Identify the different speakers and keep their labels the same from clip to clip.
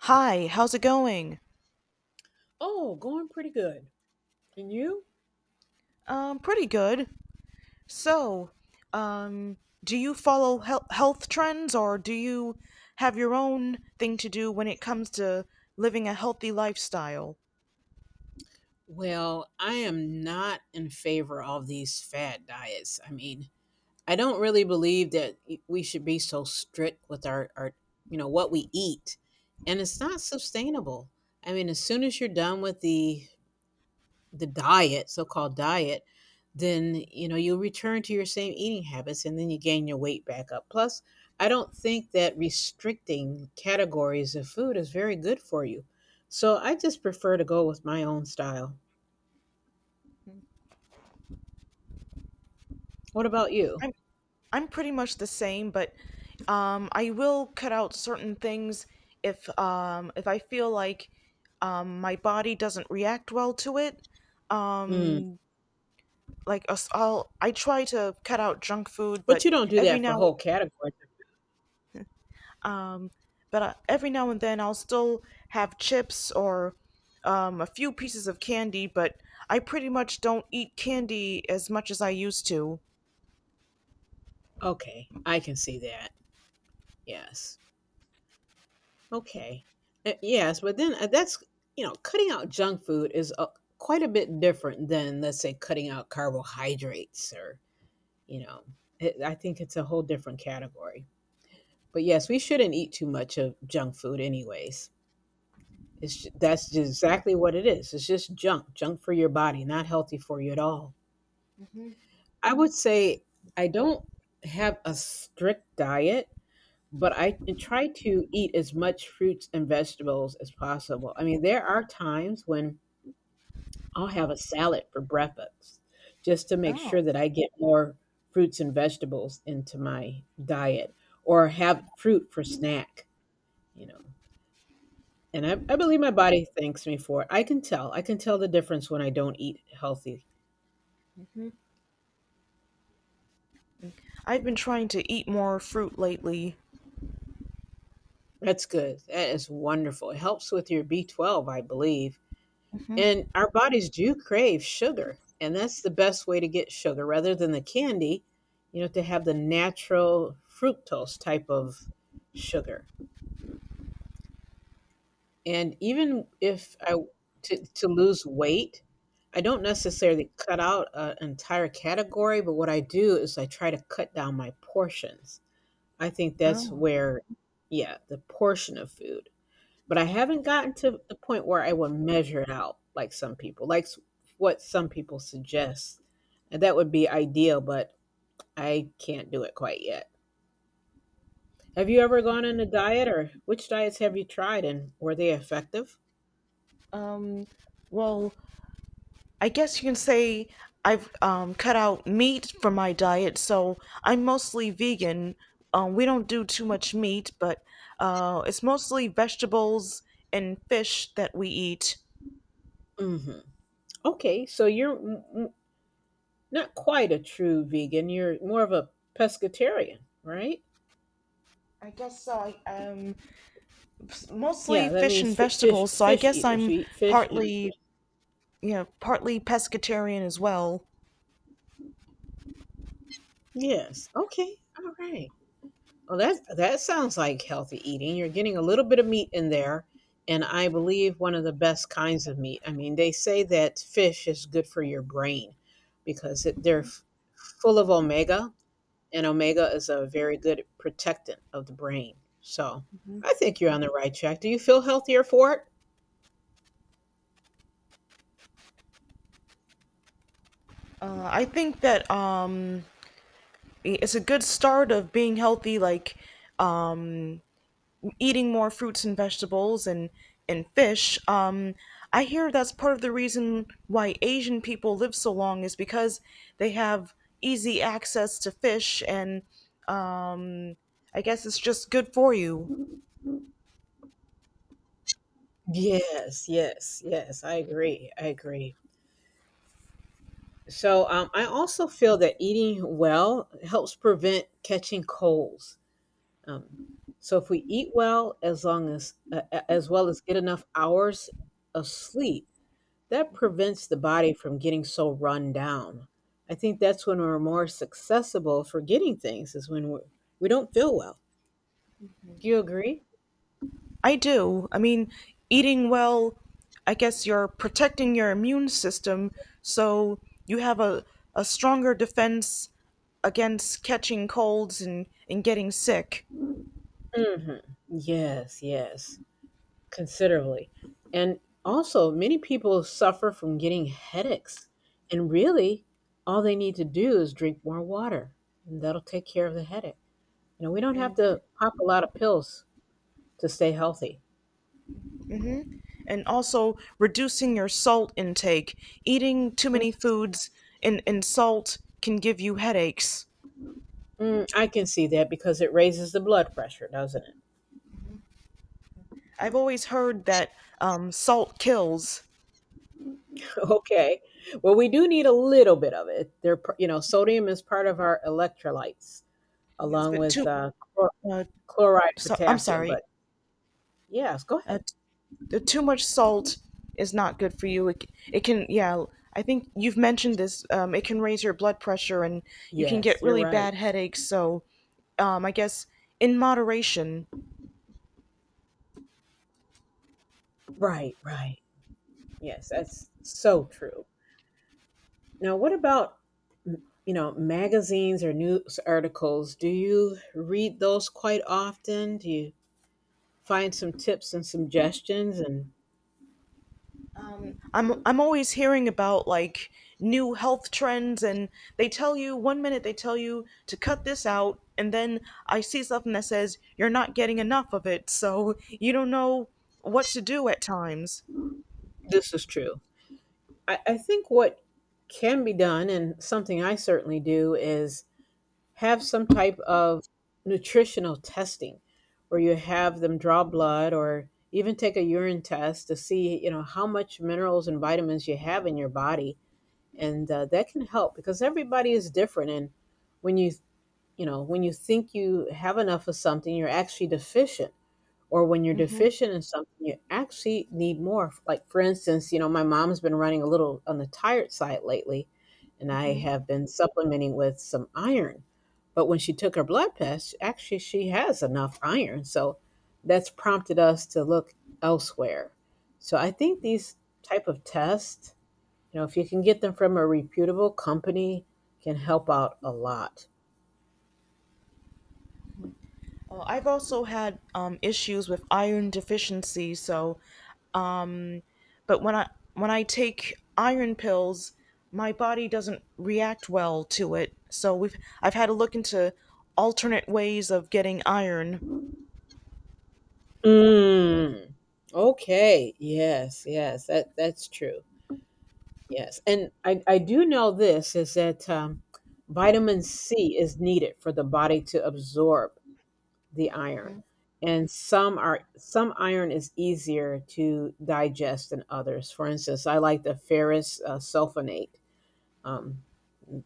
Speaker 1: Hi, how's it going?
Speaker 2: Oh, going pretty good. And you?
Speaker 1: Pretty good. So, um, do you follow health trends, or do you have your own thing to do when it comes to living a healthy lifestyle?
Speaker 2: Well, I am not in favor of these fad diets. I mean, I don't really believe that we should be so strict with our what we eat. And it's not sustainable. I mean, as soon as you're done with the so-called diet, then you'll return to your same eating habits, and then you gain your weight back up. Plus, I don't think that restricting categories of food is very good for you. So I just prefer to go with my own style. What about you?
Speaker 1: I'm I'm pretty much the same, but I will cut out certain things if I feel like my body doesn't react well to it.
Speaker 2: Mm.
Speaker 1: Um, I'll I try to cut out junk food,
Speaker 2: But
Speaker 1: but
Speaker 2: you don't do
Speaker 1: every
Speaker 2: that for
Speaker 1: now
Speaker 2: whole categories.
Speaker 1: um, but every now and then I'll still have chips or a few pieces of candy, but I pretty much don't eat candy as much as I used to.
Speaker 2: Okay, I can see that. Yes. Okay. Yes, but then that's cutting out junk food is quite a bit different than, let's say, cutting out carbohydrates or You know, I think it's a whole different category. But yes, we shouldn't eat too much of junk food anyways. That's just exactly what it is. It's just junk, junk for your body, not healthy for you at all. I would say I don't have a strict diet, but I try to eat as much fruits and vegetables as possible. I mean, there are times when I'll have a salad for breakfast just to make
Speaker 1: Oh.
Speaker 2: sure that I get more fruits and vegetables into my diet, or have fruit for snack, you know. And I believe my body thanks me for it. I can tell. I can tell the difference when I don't eat healthy.
Speaker 1: I've been trying to eat more fruit lately.
Speaker 2: That's good. That is wonderful. It helps with your B12, I believe.
Speaker 1: Hmm.
Speaker 2: And our bodies do crave sugar. And that's the best way to get sugar rather than the candy, you know, to have the natural fructose type of sugar. And even if I to lose weight, I don't necessarily cut out an entire category, but what I do is I try to cut down my portions. I think that's
Speaker 1: Oh.
Speaker 2: where, yeah, the portion of food. But I haven't gotten to the point where I would measure it out like some people, what some people suggest. And that would be ideal, but I can't do it quite yet. Have you ever gone on a diet, or which diets have you tried, and were they effective?
Speaker 1: Um, well, I guess you can say I've cut out meat from my diet, so I'm mostly vegan. We don't do too much meat, but it's mostly vegetables and fish that we eat.
Speaker 2: Hmm. Okay, so you're not quite a true vegan. You're more of a pescatarian, right?
Speaker 1: I guess I Mostly
Speaker 2: Yeah, that
Speaker 1: fish
Speaker 2: means
Speaker 1: and
Speaker 2: fi- fish
Speaker 1: vegetables, so I
Speaker 2: fish
Speaker 1: guess
Speaker 2: eaters.
Speaker 1: I'm
Speaker 2: You eat fish and...
Speaker 1: partly, you know, partly pescatarian as well.
Speaker 2: Yes. Okay. All right. Well, that sounds like healthy eating. You're getting a little bit of meat in there, and I believe one of the best kinds of meat. I mean, they say that fish is good for your brain because they're full of omega, and omega is a very good protectant of the brain. So I think you're on the right track. Do you feel healthier for it?
Speaker 1: I think that it's a good start of being healthy, like um eating more fruits and vegetables and fish. I hear that's part of the reason why Asian people live so long is because they have easy access to fish, and I guess it's just good for you.
Speaker 2: Yes. Yes. Yes. I agree. I agree. So I also feel that eating well helps prevent catching colds. Um, so if we eat well, as well as get enough hours of sleep, that prevents the body from getting so run down. I think that's when we're more successful for getting things, is when we don't feel well. Do you agree?
Speaker 1: I do. I mean, eating well, I guess you're protecting your immune system, so you have a stronger defense against catching colds and getting sick.
Speaker 2: Hmm. Yes, yes, considerably. And also, many people suffer from getting headaches. And really, all they need to do is drink more water, and that'll take care of the headache. You know, we don't have
Speaker 1: And
Speaker 2: to pop a lot of pills to stay healthy.
Speaker 1: also reducing your salt intake. Eating too
Speaker 2: Mm,
Speaker 1: many foods and salt can give you headaches.
Speaker 2: mm, I can see that because it raises the blood pressure, doesn't it?
Speaker 1: I've always heard that salt kills.
Speaker 2: Okay. Well, we do need a little bit of it. There, you know, sodium is part of our electrolytes,
Speaker 1: Yes,
Speaker 2: along
Speaker 1: but
Speaker 2: with
Speaker 1: too.
Speaker 2: chlor-
Speaker 1: Uh,
Speaker 2: chloride,
Speaker 1: so I'm
Speaker 2: potassium.
Speaker 1: sorry.
Speaker 2: But yes, go
Speaker 1: Uh,
Speaker 2: ahead.
Speaker 1: Too much salt is not good for you. It can, yeah, I think you've mentioned this. It can raise your blood pressure, and you can get
Speaker 2: Yes, you're
Speaker 1: really
Speaker 2: right.
Speaker 1: bad headaches. So, I guess in moderation.
Speaker 2: Right, right. Yes, that's so true. Now, what about magazines or news articles? Do you read those quite often? Do you find some tips and suggestions? And...
Speaker 1: I'm always hearing about, like, new health trends, and they tell you one minute they tell you to cut this out, and then I see something that says you're not getting enough of it, so you don't know what to do at times.
Speaker 2: This is true. I think what can be done, and something I certainly do, is have some type of nutritional testing where you have them draw blood, or even take a urine test, to see, you know, how much minerals and vitamins you have in your body. And that can help because everybody is different. And when you... you know when you think you have enough of something, you're actually deficient. Or when you're
Speaker 1: Hmm.
Speaker 2: deficient in something, you actually need more. Like, for instance, you know, my mom's been running a little on the tired side lately, and I have been supplementing with some iron. But when she took her blood test, actually, she has enough iron, so that's prompted us to look elsewhere. So I think these type of tests, you know, if you can get them from a reputable company, can help out a lot.
Speaker 1: I've also had issues with iron deficiency, so but when I take iron pills, my body doesn't react well to it. So we've I've had to look into alternate ways of getting iron.
Speaker 2: Mm, okay. Yes, yes, that that's true. Yes, and I do know this, is that vitamin C is needed for the body to absorb the iron, and some iron is easier to digest than others. For instance, I like the ferrous sulfonate. Um,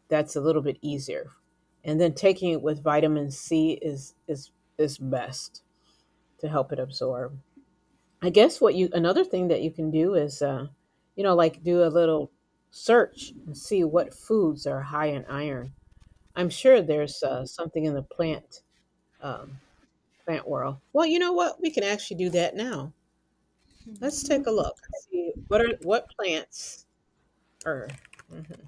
Speaker 2: that's a little bit easier. And then taking it with vitamin C is is best to help it absorb. I guess what you another thing that you can do is like do a little search and see what foods are high in iron. I'm sure there's something in the plant... um, plant world. Well, you know what? We can actually do that now. Let's take a look. See what plants are mhm,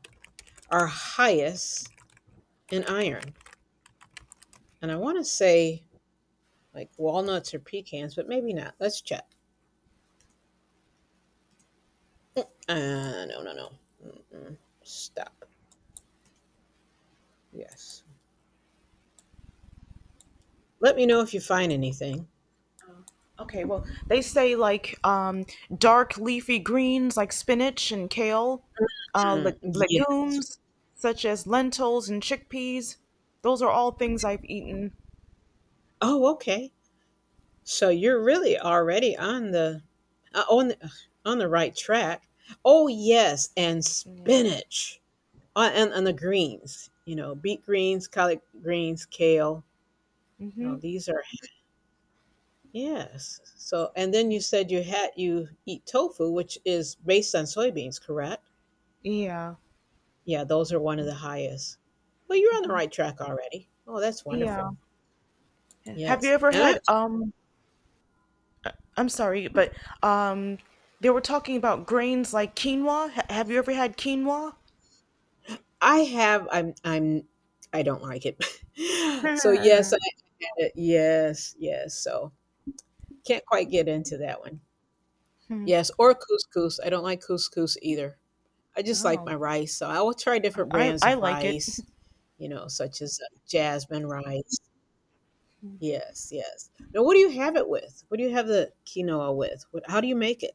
Speaker 2: are highest in iron. And I want to say like walnuts or pecans, but maybe not. Let's check. No, no, no. Mm-mm. Stop. Yes. Let me know if you find anything.
Speaker 1: Okay, well, they say, like, dark leafy greens like spinach and kale,
Speaker 2: Mm, yeah.
Speaker 1: legumes such as lentils and chickpeas. Those are all things I've eaten.
Speaker 2: Oh, okay. So you're really already uh, on the, ugh, on the right track. Oh, yes, and
Speaker 1: Yeah.
Speaker 2: spinach and the greens. You know, beet greens, collard greens, kale. You know, these are yes. So, and then, you said you had... you eat tofu, which is based on soybeans, correct?
Speaker 1: Yeah.
Speaker 2: Yeah, those are one of the highest. Well, you're on the right track already. Oh, that's
Speaker 1: Yeah.
Speaker 2: wonderful.
Speaker 1: Have you
Speaker 2: Yes.
Speaker 1: ever
Speaker 2: And
Speaker 1: had I'm sorry, but um, they were talking about grains like quinoa. Have you ever had quinoa?
Speaker 2: I have I'm I don't like it. So yes, I had it. Yes, yes. So can't quite get into that one. Yes, or couscous. I don't like couscous either. I just like
Speaker 1: Oh,
Speaker 2: my rice. So I will try different brands
Speaker 1: I
Speaker 2: of
Speaker 1: like it.
Speaker 2: rice, you know, such as jasmine rice. Yes, yes. Now, what do you have it with? What do you have the quinoa with? How do you make it?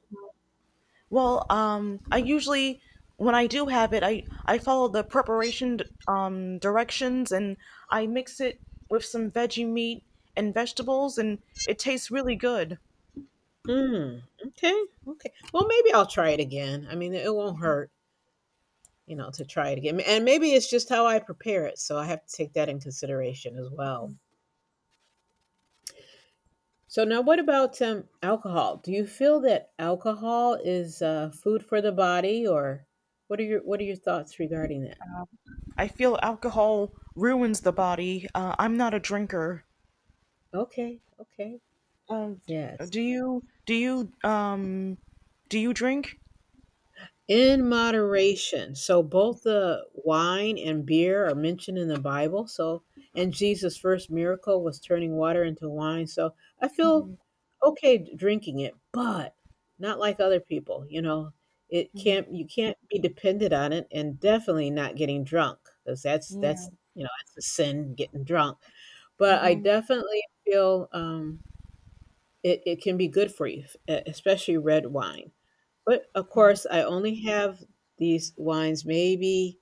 Speaker 1: Well, I usually when I do have it, I follow the preparation directions, and I mix it with some veggie meat and vegetables, and it tastes really good.
Speaker 2: Mm, okay, okay. Well, maybe I'll try it again. I mean, it won't hurt, you know, to try it again. And maybe it's just how I prepare it, so I have to take that in consideration as well. So now, what about alcohol? Do you feel that alcohol is food for the body, or what are your thoughts regarding that?
Speaker 1: I feel alcohol ruins the body. I'm not a drinker.
Speaker 2: Okay, okay,
Speaker 1: Uh, d-
Speaker 2: yes.
Speaker 1: do you do you drink?
Speaker 2: In moderation. So both the wine and beer are mentioned in the Bible. So, and Jesus' first miracle was turning water into wine. So I feel okay drinking it, but not like other people. You know, it can't you can't be dependent on it, and definitely not getting drunk because that's
Speaker 1: Yeah.
Speaker 2: that's you know that's a sin, getting drunk. But I definitely feel, it can be good for you, e especially red wine. But, of course, I only have these wines maybe,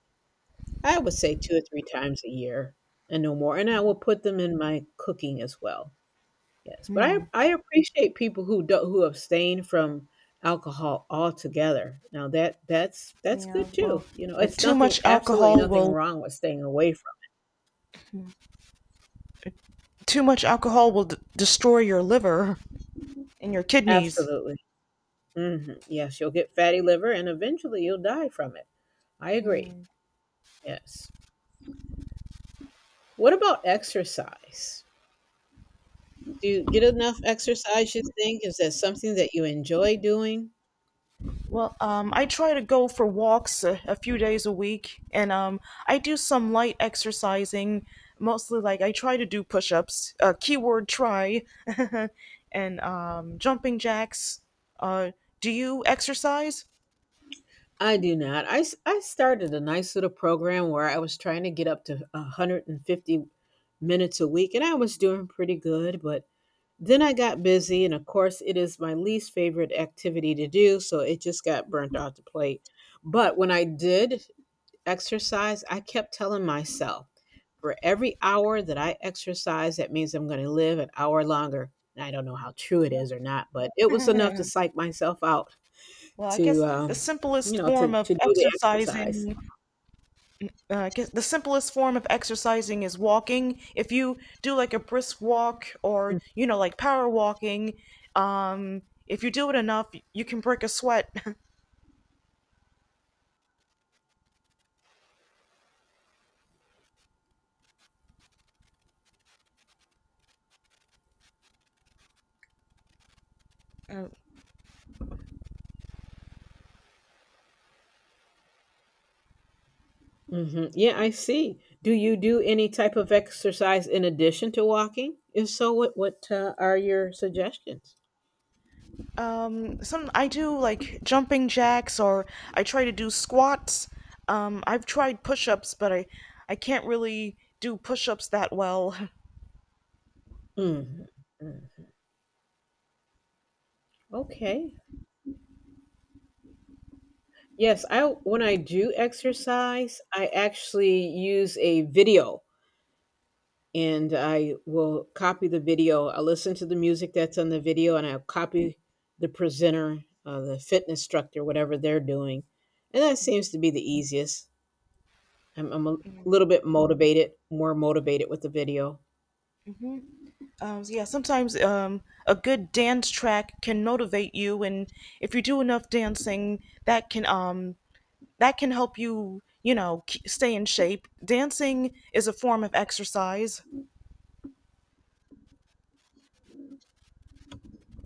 Speaker 2: I would say 2 or 3 times a year and no more, and I will put them in my cooking as well. Yes, but I appreciate people who do, who abstain from alcohol altogether. Now that's
Speaker 1: Yeah,
Speaker 2: good too,
Speaker 1: well,
Speaker 2: you know.
Speaker 1: uh,
Speaker 2: It's
Speaker 1: too
Speaker 2: nothing...
Speaker 1: much
Speaker 2: absolutely
Speaker 1: alcohol
Speaker 2: nothing
Speaker 1: will
Speaker 2: wrong with staying away from...
Speaker 1: too much alcohol will destroy your liver and your kidneys.
Speaker 2: Absolutely. Mhm. Yes, you'll get fatty liver and eventually you'll die from it. I agree. Yes. What about exercise? Do you get enough exercise, you think? Is that something that you enjoy doing?
Speaker 1: Well, I try to go for walks a few days a week, and I do some light exercising, mostly like I try to do push-ups, keyword try, and jumping jacks. Uh, do you exercise?
Speaker 2: I do not. I started a nice little program where I was trying to get up to 150 minutes a week, and I was doing pretty good. But then I got busy, and of course, it is my least favorite activity to do, so it just got burnt off the plate. But when I did exercise, I kept telling myself, for every hour that I exercise, that means I'm going to live an hour longer. And I don't know how true it is or not, but it was enough to
Speaker 1: well,
Speaker 2: psych myself out
Speaker 1: I
Speaker 2: to,
Speaker 1: guess the
Speaker 2: you
Speaker 1: simplest
Speaker 2: know,
Speaker 1: form
Speaker 2: to
Speaker 1: of
Speaker 2: do the exercise.
Speaker 1: exercising uh, I guess the simplest form of exercising is walking. If you do like a brisk walk, or, you know, like power walking, um, if you do it enough, you can break a sweat.
Speaker 2: Hmm. Yeah, I see. Do you do any type of exercise in addition to walking? If so, what are your suggestions?
Speaker 1: Some I do, like jumping jacks, or I try to do squats. I've tried push-ups, but I can't really do push-ups that well.
Speaker 2: Mhm. Mm. Okay. Yes, I when I do exercise, I actually use a video and I will copy the video. I'll listen to the music that's on the video and I'll copy the presenter, the fitness instructor, whatever they're doing. And that seems to be the easiest. I'm a little bit motivated, more motivated with the video.
Speaker 1: So, yeah, sometimes a good dance track can motivate you, and if you do enough dancing, that can um, that can help you, you know, stay in shape. Dancing is a form of exercise.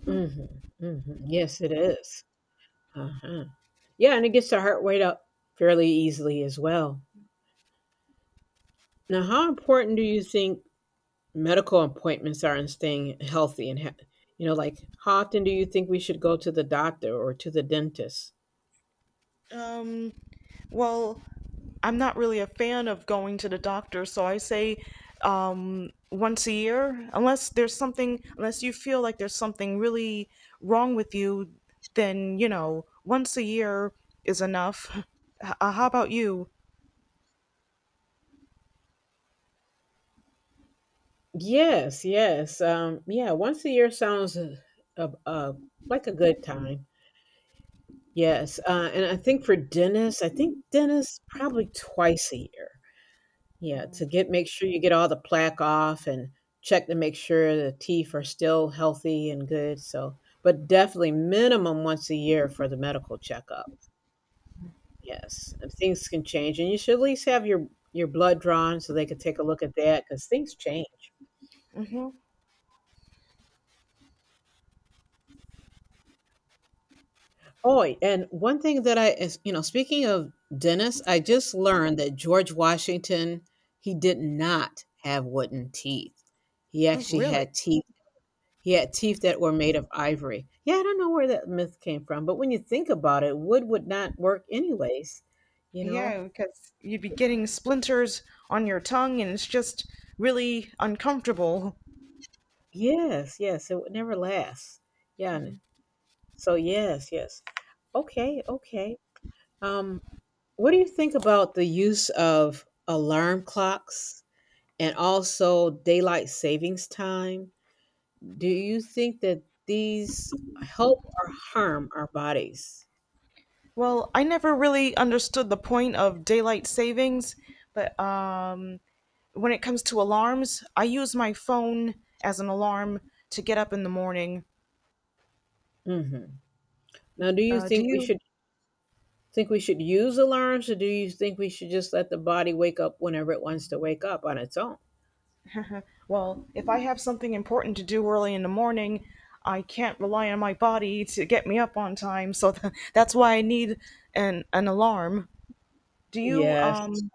Speaker 2: Hmm. Hmm. Yes, it is. Uh-huh. Yeah, and it gets the heart rate up fairly easily as well. Now, how important do you think medical appointments are in staying healthy like, how often do you think we should go to the doctor or to the dentist?
Speaker 1: Um, well, I'm not really a fan of going to the doctor, so I say once a year, unless there's something, unless you feel like there's something really wrong with you, then, you know, once a year is enough. How about you?
Speaker 2: Yes, yes. Yeah, once a year sounds uh, uh, like a good time. Yes. And I think for dentists I think dentists probably twice a year. Yeah, to get make sure you get all the plaque off and check to make sure the teeth are still healthy and good, so. But definitely minimum once a year for the medical checkup. Yes, and things can change, and you should at least have your blood drawn so they could take a look at that because things change.
Speaker 1: Hmm.
Speaker 2: Oh, and one thing that I is you know, speaking of dentists, I just learned that George Washington, he did not have wooden teeth. He
Speaker 1: Oh,
Speaker 2: actually
Speaker 1: really?
Speaker 2: had teeth he had teeth that were made of ivory. Yeah, I don't know where that myth came from, but when you think about it, wood would not work anyways, you know?
Speaker 1: Yeah, because you'd be getting splinters on your tongue, and it's just really uncomfortable.
Speaker 2: Yes, yes, it would never last. Yeah. So yes, yes. Okay, okay. Um, what do you think about the use of alarm clocks and also daylight savings time? Do you think that these help or harm our bodies?
Speaker 1: Well, I never really understood the point of daylight savings, but when it comes to alarms, I use my phone as an alarm to get up in the morning.
Speaker 2: Hmm. Now, do you
Speaker 1: Do
Speaker 2: think we
Speaker 1: you?
Speaker 2: should think we should use alarms, or do you think we should just let the body wake up whenever it wants to wake up on its own?
Speaker 1: Well, if I have something important to do early in the morning, I can't rely on my body to get me up on time, so that's why I need an alarm. Do you
Speaker 2: Yes,
Speaker 1: um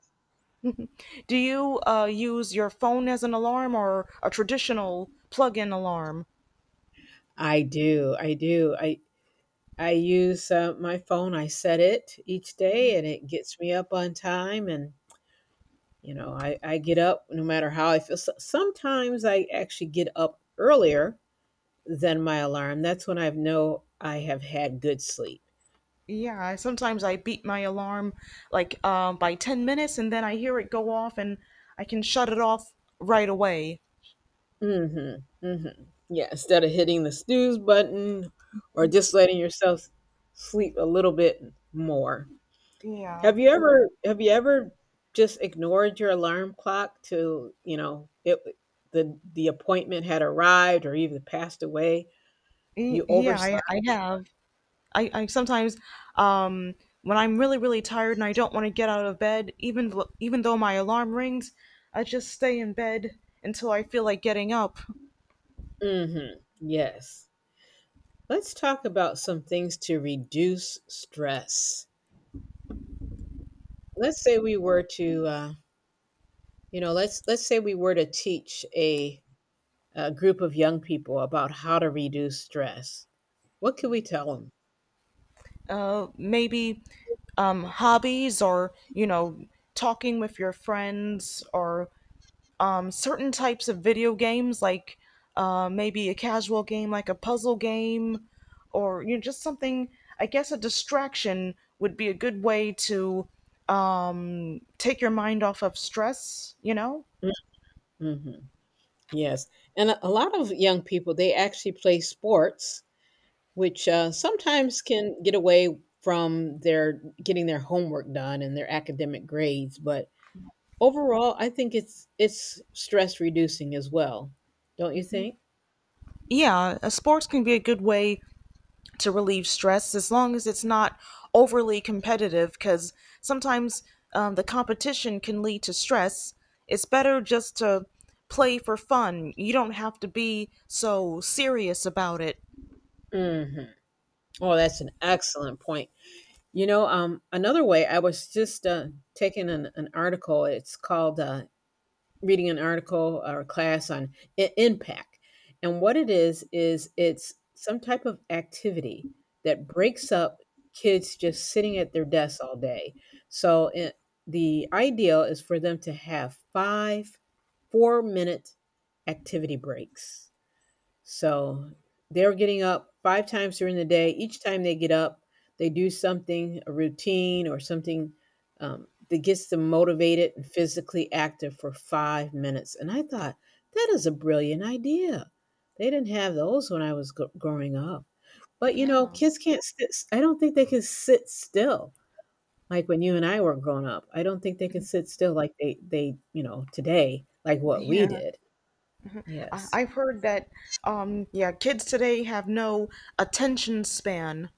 Speaker 1: Do you use your phone as an alarm or a traditional plug-in alarm?
Speaker 2: I do. I do. I use my phone. I set it each day, and it gets me up on time. And I get up no matter how I feel. So, sometimes I actually get up earlier than my alarm. That's when I know I have had good sleep.
Speaker 1: Yeah, I- sometimes I beat my alarm like by 10 minutes, and then I hear it go off and I can shut it off right away.
Speaker 2: Mm-hmm. Mm-hmm. Yeah. Instead of hitting the snooze button, or just letting yourself sleep a little bit more.
Speaker 1: Yeah.
Speaker 2: Have you ever just ignored your alarm clock till, it the appointment had arrived or even passed away? You
Speaker 1: Yeah,
Speaker 2: overslept?
Speaker 1: I have. I sometimes um, when I'm really, really tired and I don't want to get out of bed, even even though my alarm rings, I just stay in bed until I feel like getting up.
Speaker 2: Mhm. Yes. Let's talk about some things to reduce stress. Let's say we were to, uh, let's say we were to teach a group of young people about how to reduce stress. What could we tell them?
Speaker 1: Uh, maybe hobbies, or, you know, talking with your friends, or certain types of video games, like maybe a casual game like a puzzle game, or, you know, just something. I guess a distraction would be a good way to take your mind off of stress, you know.
Speaker 2: Mm-hmm. Yes. And a lot of young people, they actually play sports which sometimes can get away from their getting their homework done and their academic grades. But overall, I think it's stress reducing as well, don't you think?
Speaker 1: Yeah, a sports can be a good way to relieve stress, as long as it's not overly competitive, because sometimes the competition can lead to stress. It's better just to play for fun. You don't have to be so serious about it.
Speaker 2: Hmm. Oh, that's an excellent point. You know, another way I was just taking an article. It's called reading an article or a class on impact. And what it is it's some type of activity that breaks up kids just sitting at their desks all day. So it, the ideal is for them to have five 4-minute activity breaks. So they're getting up five times during the day. Each time they get up, they do something, a routine or something that gets them motivated and physically active for 5 minutes. And I thought, that is a brilliant idea. They didn't have those when I was gr growing up. But you know, kids can't sit, I don't think they can sit still like when you and I were growing up. I don't think they can sit still like they, today, like what we
Speaker 1: Yeah.
Speaker 2: did. Yes.
Speaker 1: I've heard that yeah kids today have no attention span.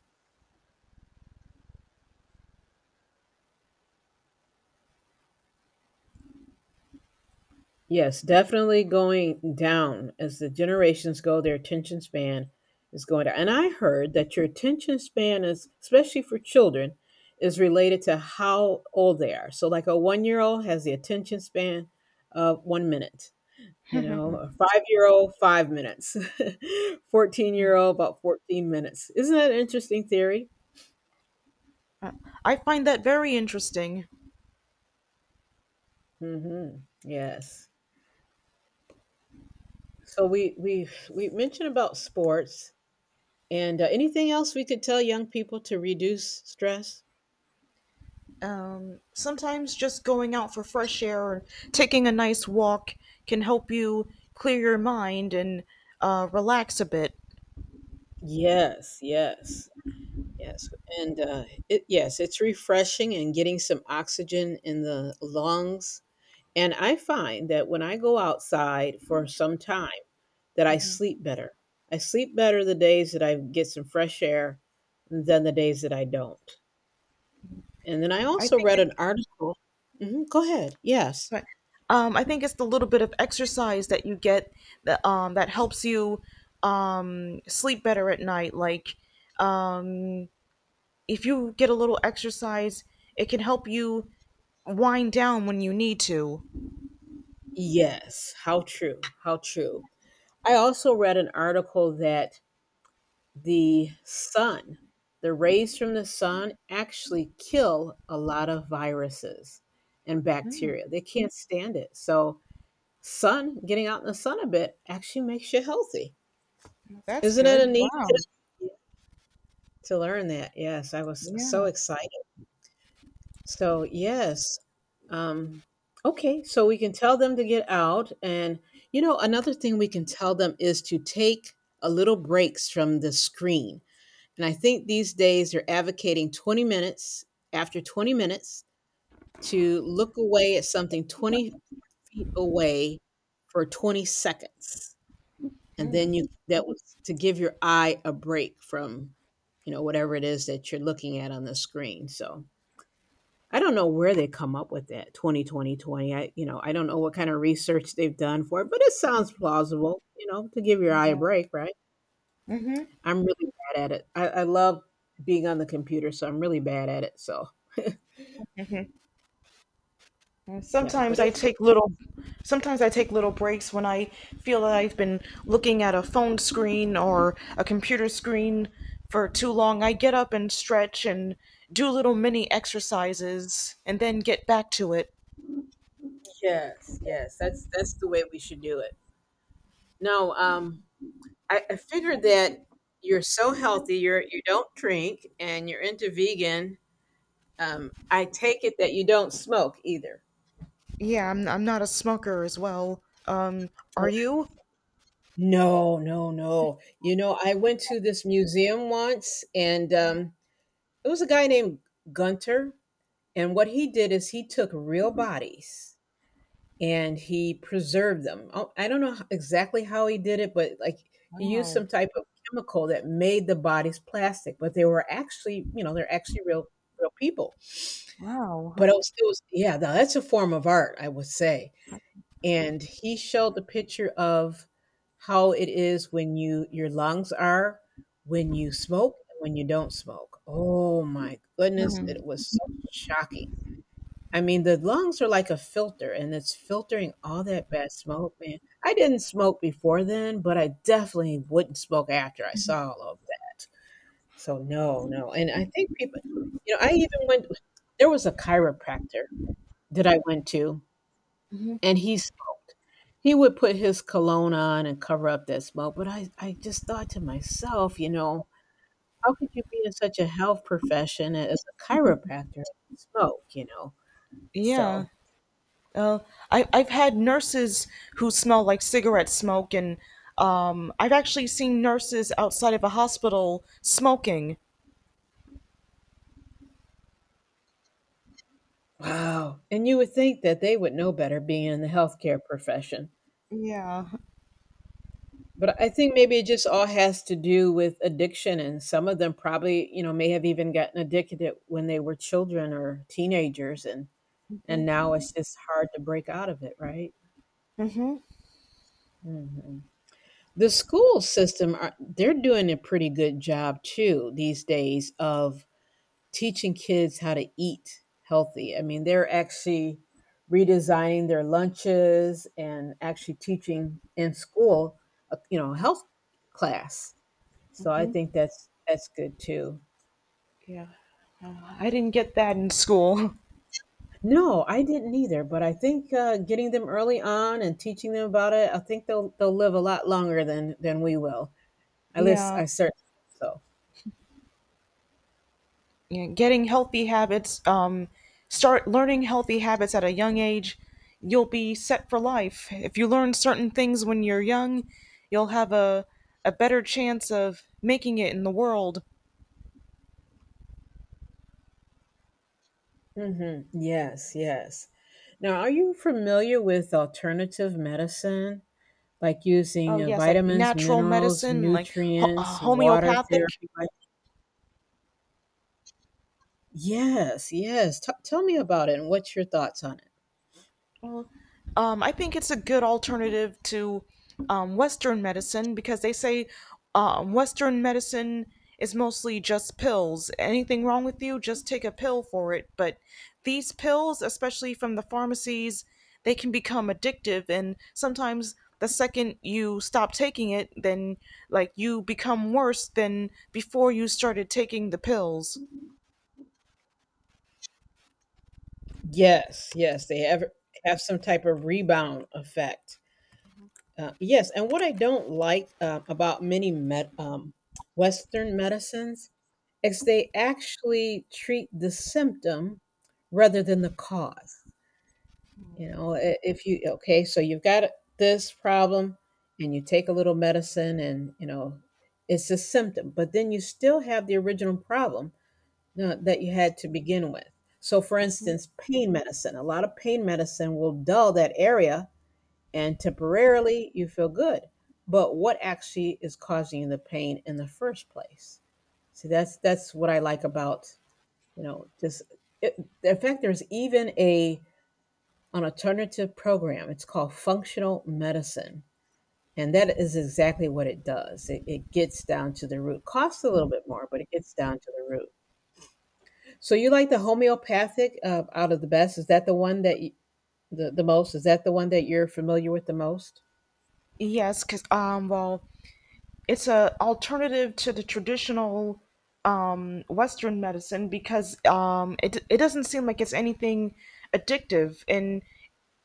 Speaker 2: Yes, definitely going down as the generations go, their attention span is going down. And I heard that your attention span is, especially for children, is related to how old they are. So, like a 1-year old has the attention span of 1 minute, you know, a 5-year old, 5 minutes, 14-year-old, about 14 minutes. Isn't that an interesting theory?
Speaker 1: I find that very interesting.
Speaker 2: Hmm. Yes. So, we mentioned about sports. And anything else we could tell young people to reduce stress?
Speaker 1: Sometimes just going out for fresh air and taking a nice walk can help you clear your mind and relax a bit.
Speaker 2: Yes, yes, yes. And yes, it's refreshing and getting some oxygen in the lungs. And I find that when I go outside for some time, that I sleep better. I sleep better the days that I get some fresh air than the days that I don't. And then I
Speaker 1: I
Speaker 2: also
Speaker 1: think
Speaker 2: read
Speaker 1: it's
Speaker 2: an article. Mhm, go ahead. Yes.
Speaker 1: sorry. I think it's the little bit of exercise that you get that helps you sleep better at night. Like um, if you get a little exercise, it can help you wind down when you need to.
Speaker 2: Yes. How true. How true. I also read an article that the sun, the rays from the sun actually kill a lot of viruses and bacteria. They can't stand it. So, sun, getting out in the sun a bit actually makes you healthy.
Speaker 1: That's
Speaker 2: Isn't it a
Speaker 1: good.
Speaker 2: neat
Speaker 1: Wow.
Speaker 2: tip to learn that? Yes, I was so
Speaker 1: Yeah.
Speaker 2: excited. So, yes. Um, okay, so we can tell them to get out. And, you know, another thing we can tell them is to take a little breaks from the screen. And I think these days they're advocating 20 minutes after 20 minutes to look away at something 20 feet away for 20 seconds. And then you, that was to give your eye a break from, you know, whatever it is that you're looking at on the screen. So I don't know where they come up with that 20, 20, 20. I, you know, I don't know what kind of research they've done for it, but it sounds plausible, you know, to give your eye a break, right? I'm really bad at it. I love being on the computer, so I'm really bad at it. So
Speaker 1: And
Speaker 2: yeah, but
Speaker 1: Sometimes I
Speaker 2: it's
Speaker 1: take little Sometimes I take little breaks when I feel that I've been looking at a phone screen or a computer screen for too long. I get up and stretch and do little mini exercises and then get back to it.
Speaker 2: yes, yes, that's the way we should do it. No, I figured that you're so healthy, you're you don't drink, and you're into vegan. I take it that you don't smoke either.
Speaker 1: Yeah, I'm not a smoker as well. Are you?
Speaker 2: No, no, no. You know, I went to this museum once and it was a guy named Gunter. And what he did is he took real bodies and he preserved them. Oh, I don't know exactly how he did it, but like he used
Speaker 1: Wow.
Speaker 2: some type of chemical that made the bodies plastic, but they were actually, you know, they're actually real people.
Speaker 1: Wow.
Speaker 2: But it was yeah, that's a form of art, I would say. And he showed the picture of how it is when you your lungs are when you smoke and when you don't smoke. Oh my goodness, it was so shocking. I mean, the lungs are like a filter, and it's filtering all that bad smoke, man. I didn't smoke before then, but I definitely wouldn't smoke after I saw all of that. So no, no. And I think people, you know, I even went, there was a chiropractor that I went to, and he smoked. He would put his cologne on and cover up that smoke, but I just thought to myself, you know, how could you be in such a health profession as a chiropractor and smoke, you know?
Speaker 1: Yeah.
Speaker 2: So.
Speaker 1: Uh, I've had nurses who smell like cigarette smoke, and I've actually seen nurses outside of a hospital smoking.
Speaker 2: Wow. And you would think that they would know better being in the healthcare profession.
Speaker 1: Yeah,
Speaker 2: But I think maybe it just all has to do with addiction. And some of them probably, you know, may have even gotten addicted when they were children or teenagers. And now it's just hard to break out of it, right? Hmm. The school system, they're doing a pretty good job too these days of teaching kids how to eat healthy. I mean, they're actually redesigning their lunches and actually teaching in school, you know, health class. So I think that's good too.
Speaker 1: yeah. I didn't get that in school.
Speaker 2: No, I didn't either, but I think getting them early on and teaching them about it, I think they'll live a lot longer than we will. At least
Speaker 1: Yeah,
Speaker 2: I certainly hope
Speaker 1: yeah. Getting healthy habits, start learning healthy habits at a young age, you'll be set for life. If you learn certain things when you're young, you'll have a better chance of making it in the world.
Speaker 2: so. Hmm. Yes, yes. Now, are you familiar with alternative medicine? Like
Speaker 1: Oh,
Speaker 2: using
Speaker 1: yes, like
Speaker 2: vitamins,
Speaker 1: natural
Speaker 2: minerals,
Speaker 1: medicine, like
Speaker 2: nutrients, water
Speaker 1: homeopathic.
Speaker 2: therapy. Like, yes, yes. Tell me about it and what's your thoughts on it?
Speaker 1: I think it's a good alternative to Western medicine, because they say Western medicine is mostly just pills. Anything wrong with you, just take a pill for it. But these pills, especially from the pharmacies, they can become addictive, and sometimes the second you stop taking it, then like you become worse than before you started taking the pills.
Speaker 2: Yes, yes. They have some type of rebound effect. Yes, and what I don't like about many Western medicines is they actually treat the symptom rather than the cause. You know, if you okay, so you've got this problem and you take a little medicine and, you know, it's a symptom, but then you still have the original problem that you had to begin with. So for instance, pain medicine, a lot of pain medicine will dull that area and temporarily you feel good. But what actually is causing the pain in the first place? So that's what I like about, you know, just it, in fact there's even a an alternative program. It's called functional medicine. And that is exactly what it does. It gets down to the root. Costs a little bit more, but it gets down to the root. So you like the homeopathic out of the best? Is that the one that you, the most? Is that the one that you're familiar with the most?
Speaker 1: Yes, because well, it's a alternative to the traditional Western medicine, because it it doesn't seem like it's anything addictive, and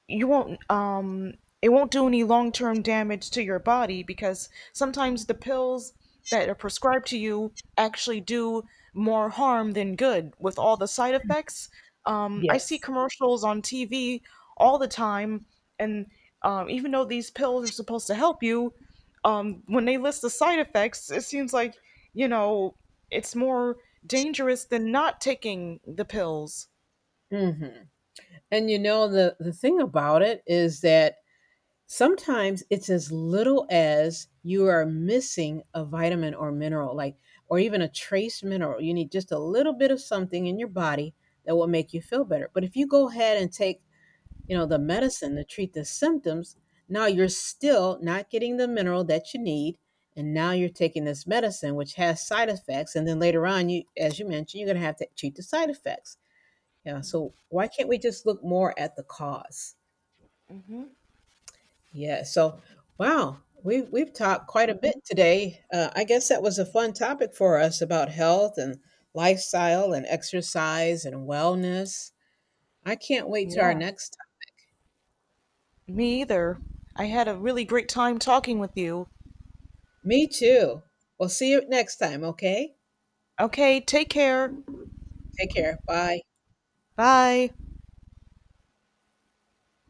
Speaker 1: you won't it won't do any long-term damage to your body, because sometimes the pills that are prescribed to you actually do more harm than good with all the side effects. I see
Speaker 2: Yes.
Speaker 1: commercials on TV all the time, and even though these pills are supposed to help you, when they list the side effects, it seems like, you know, it's more dangerous than not taking the pills.
Speaker 2: Hmm. And you know the thing about it is that sometimes it's as little as you are missing a vitamin or mineral, like, or even a trace mineral. You need just a little bit of something in your body that will make you feel better. But if you go ahead and take, you know, the medicine to treat the symptoms, now you're still not getting the mineral that you need. And now you're taking this medicine, which has side effects. And then later on, you, as you mentioned, you're going to have to treat the side effects. Yeah. So why can't we just look more at the cause? Yeah. So, wow, we've talked quite a bit today. I guess that was a fun topic for us about health and lifestyle and exercise and wellness. I can't wait to our
Speaker 1: Yeah.
Speaker 2: next time.
Speaker 1: Me either. I had a really great time talking with you.
Speaker 2: Me too. We'll see you next time. Okay.
Speaker 1: Okay, take care.
Speaker 2: Take care. Bye.
Speaker 1: Bye.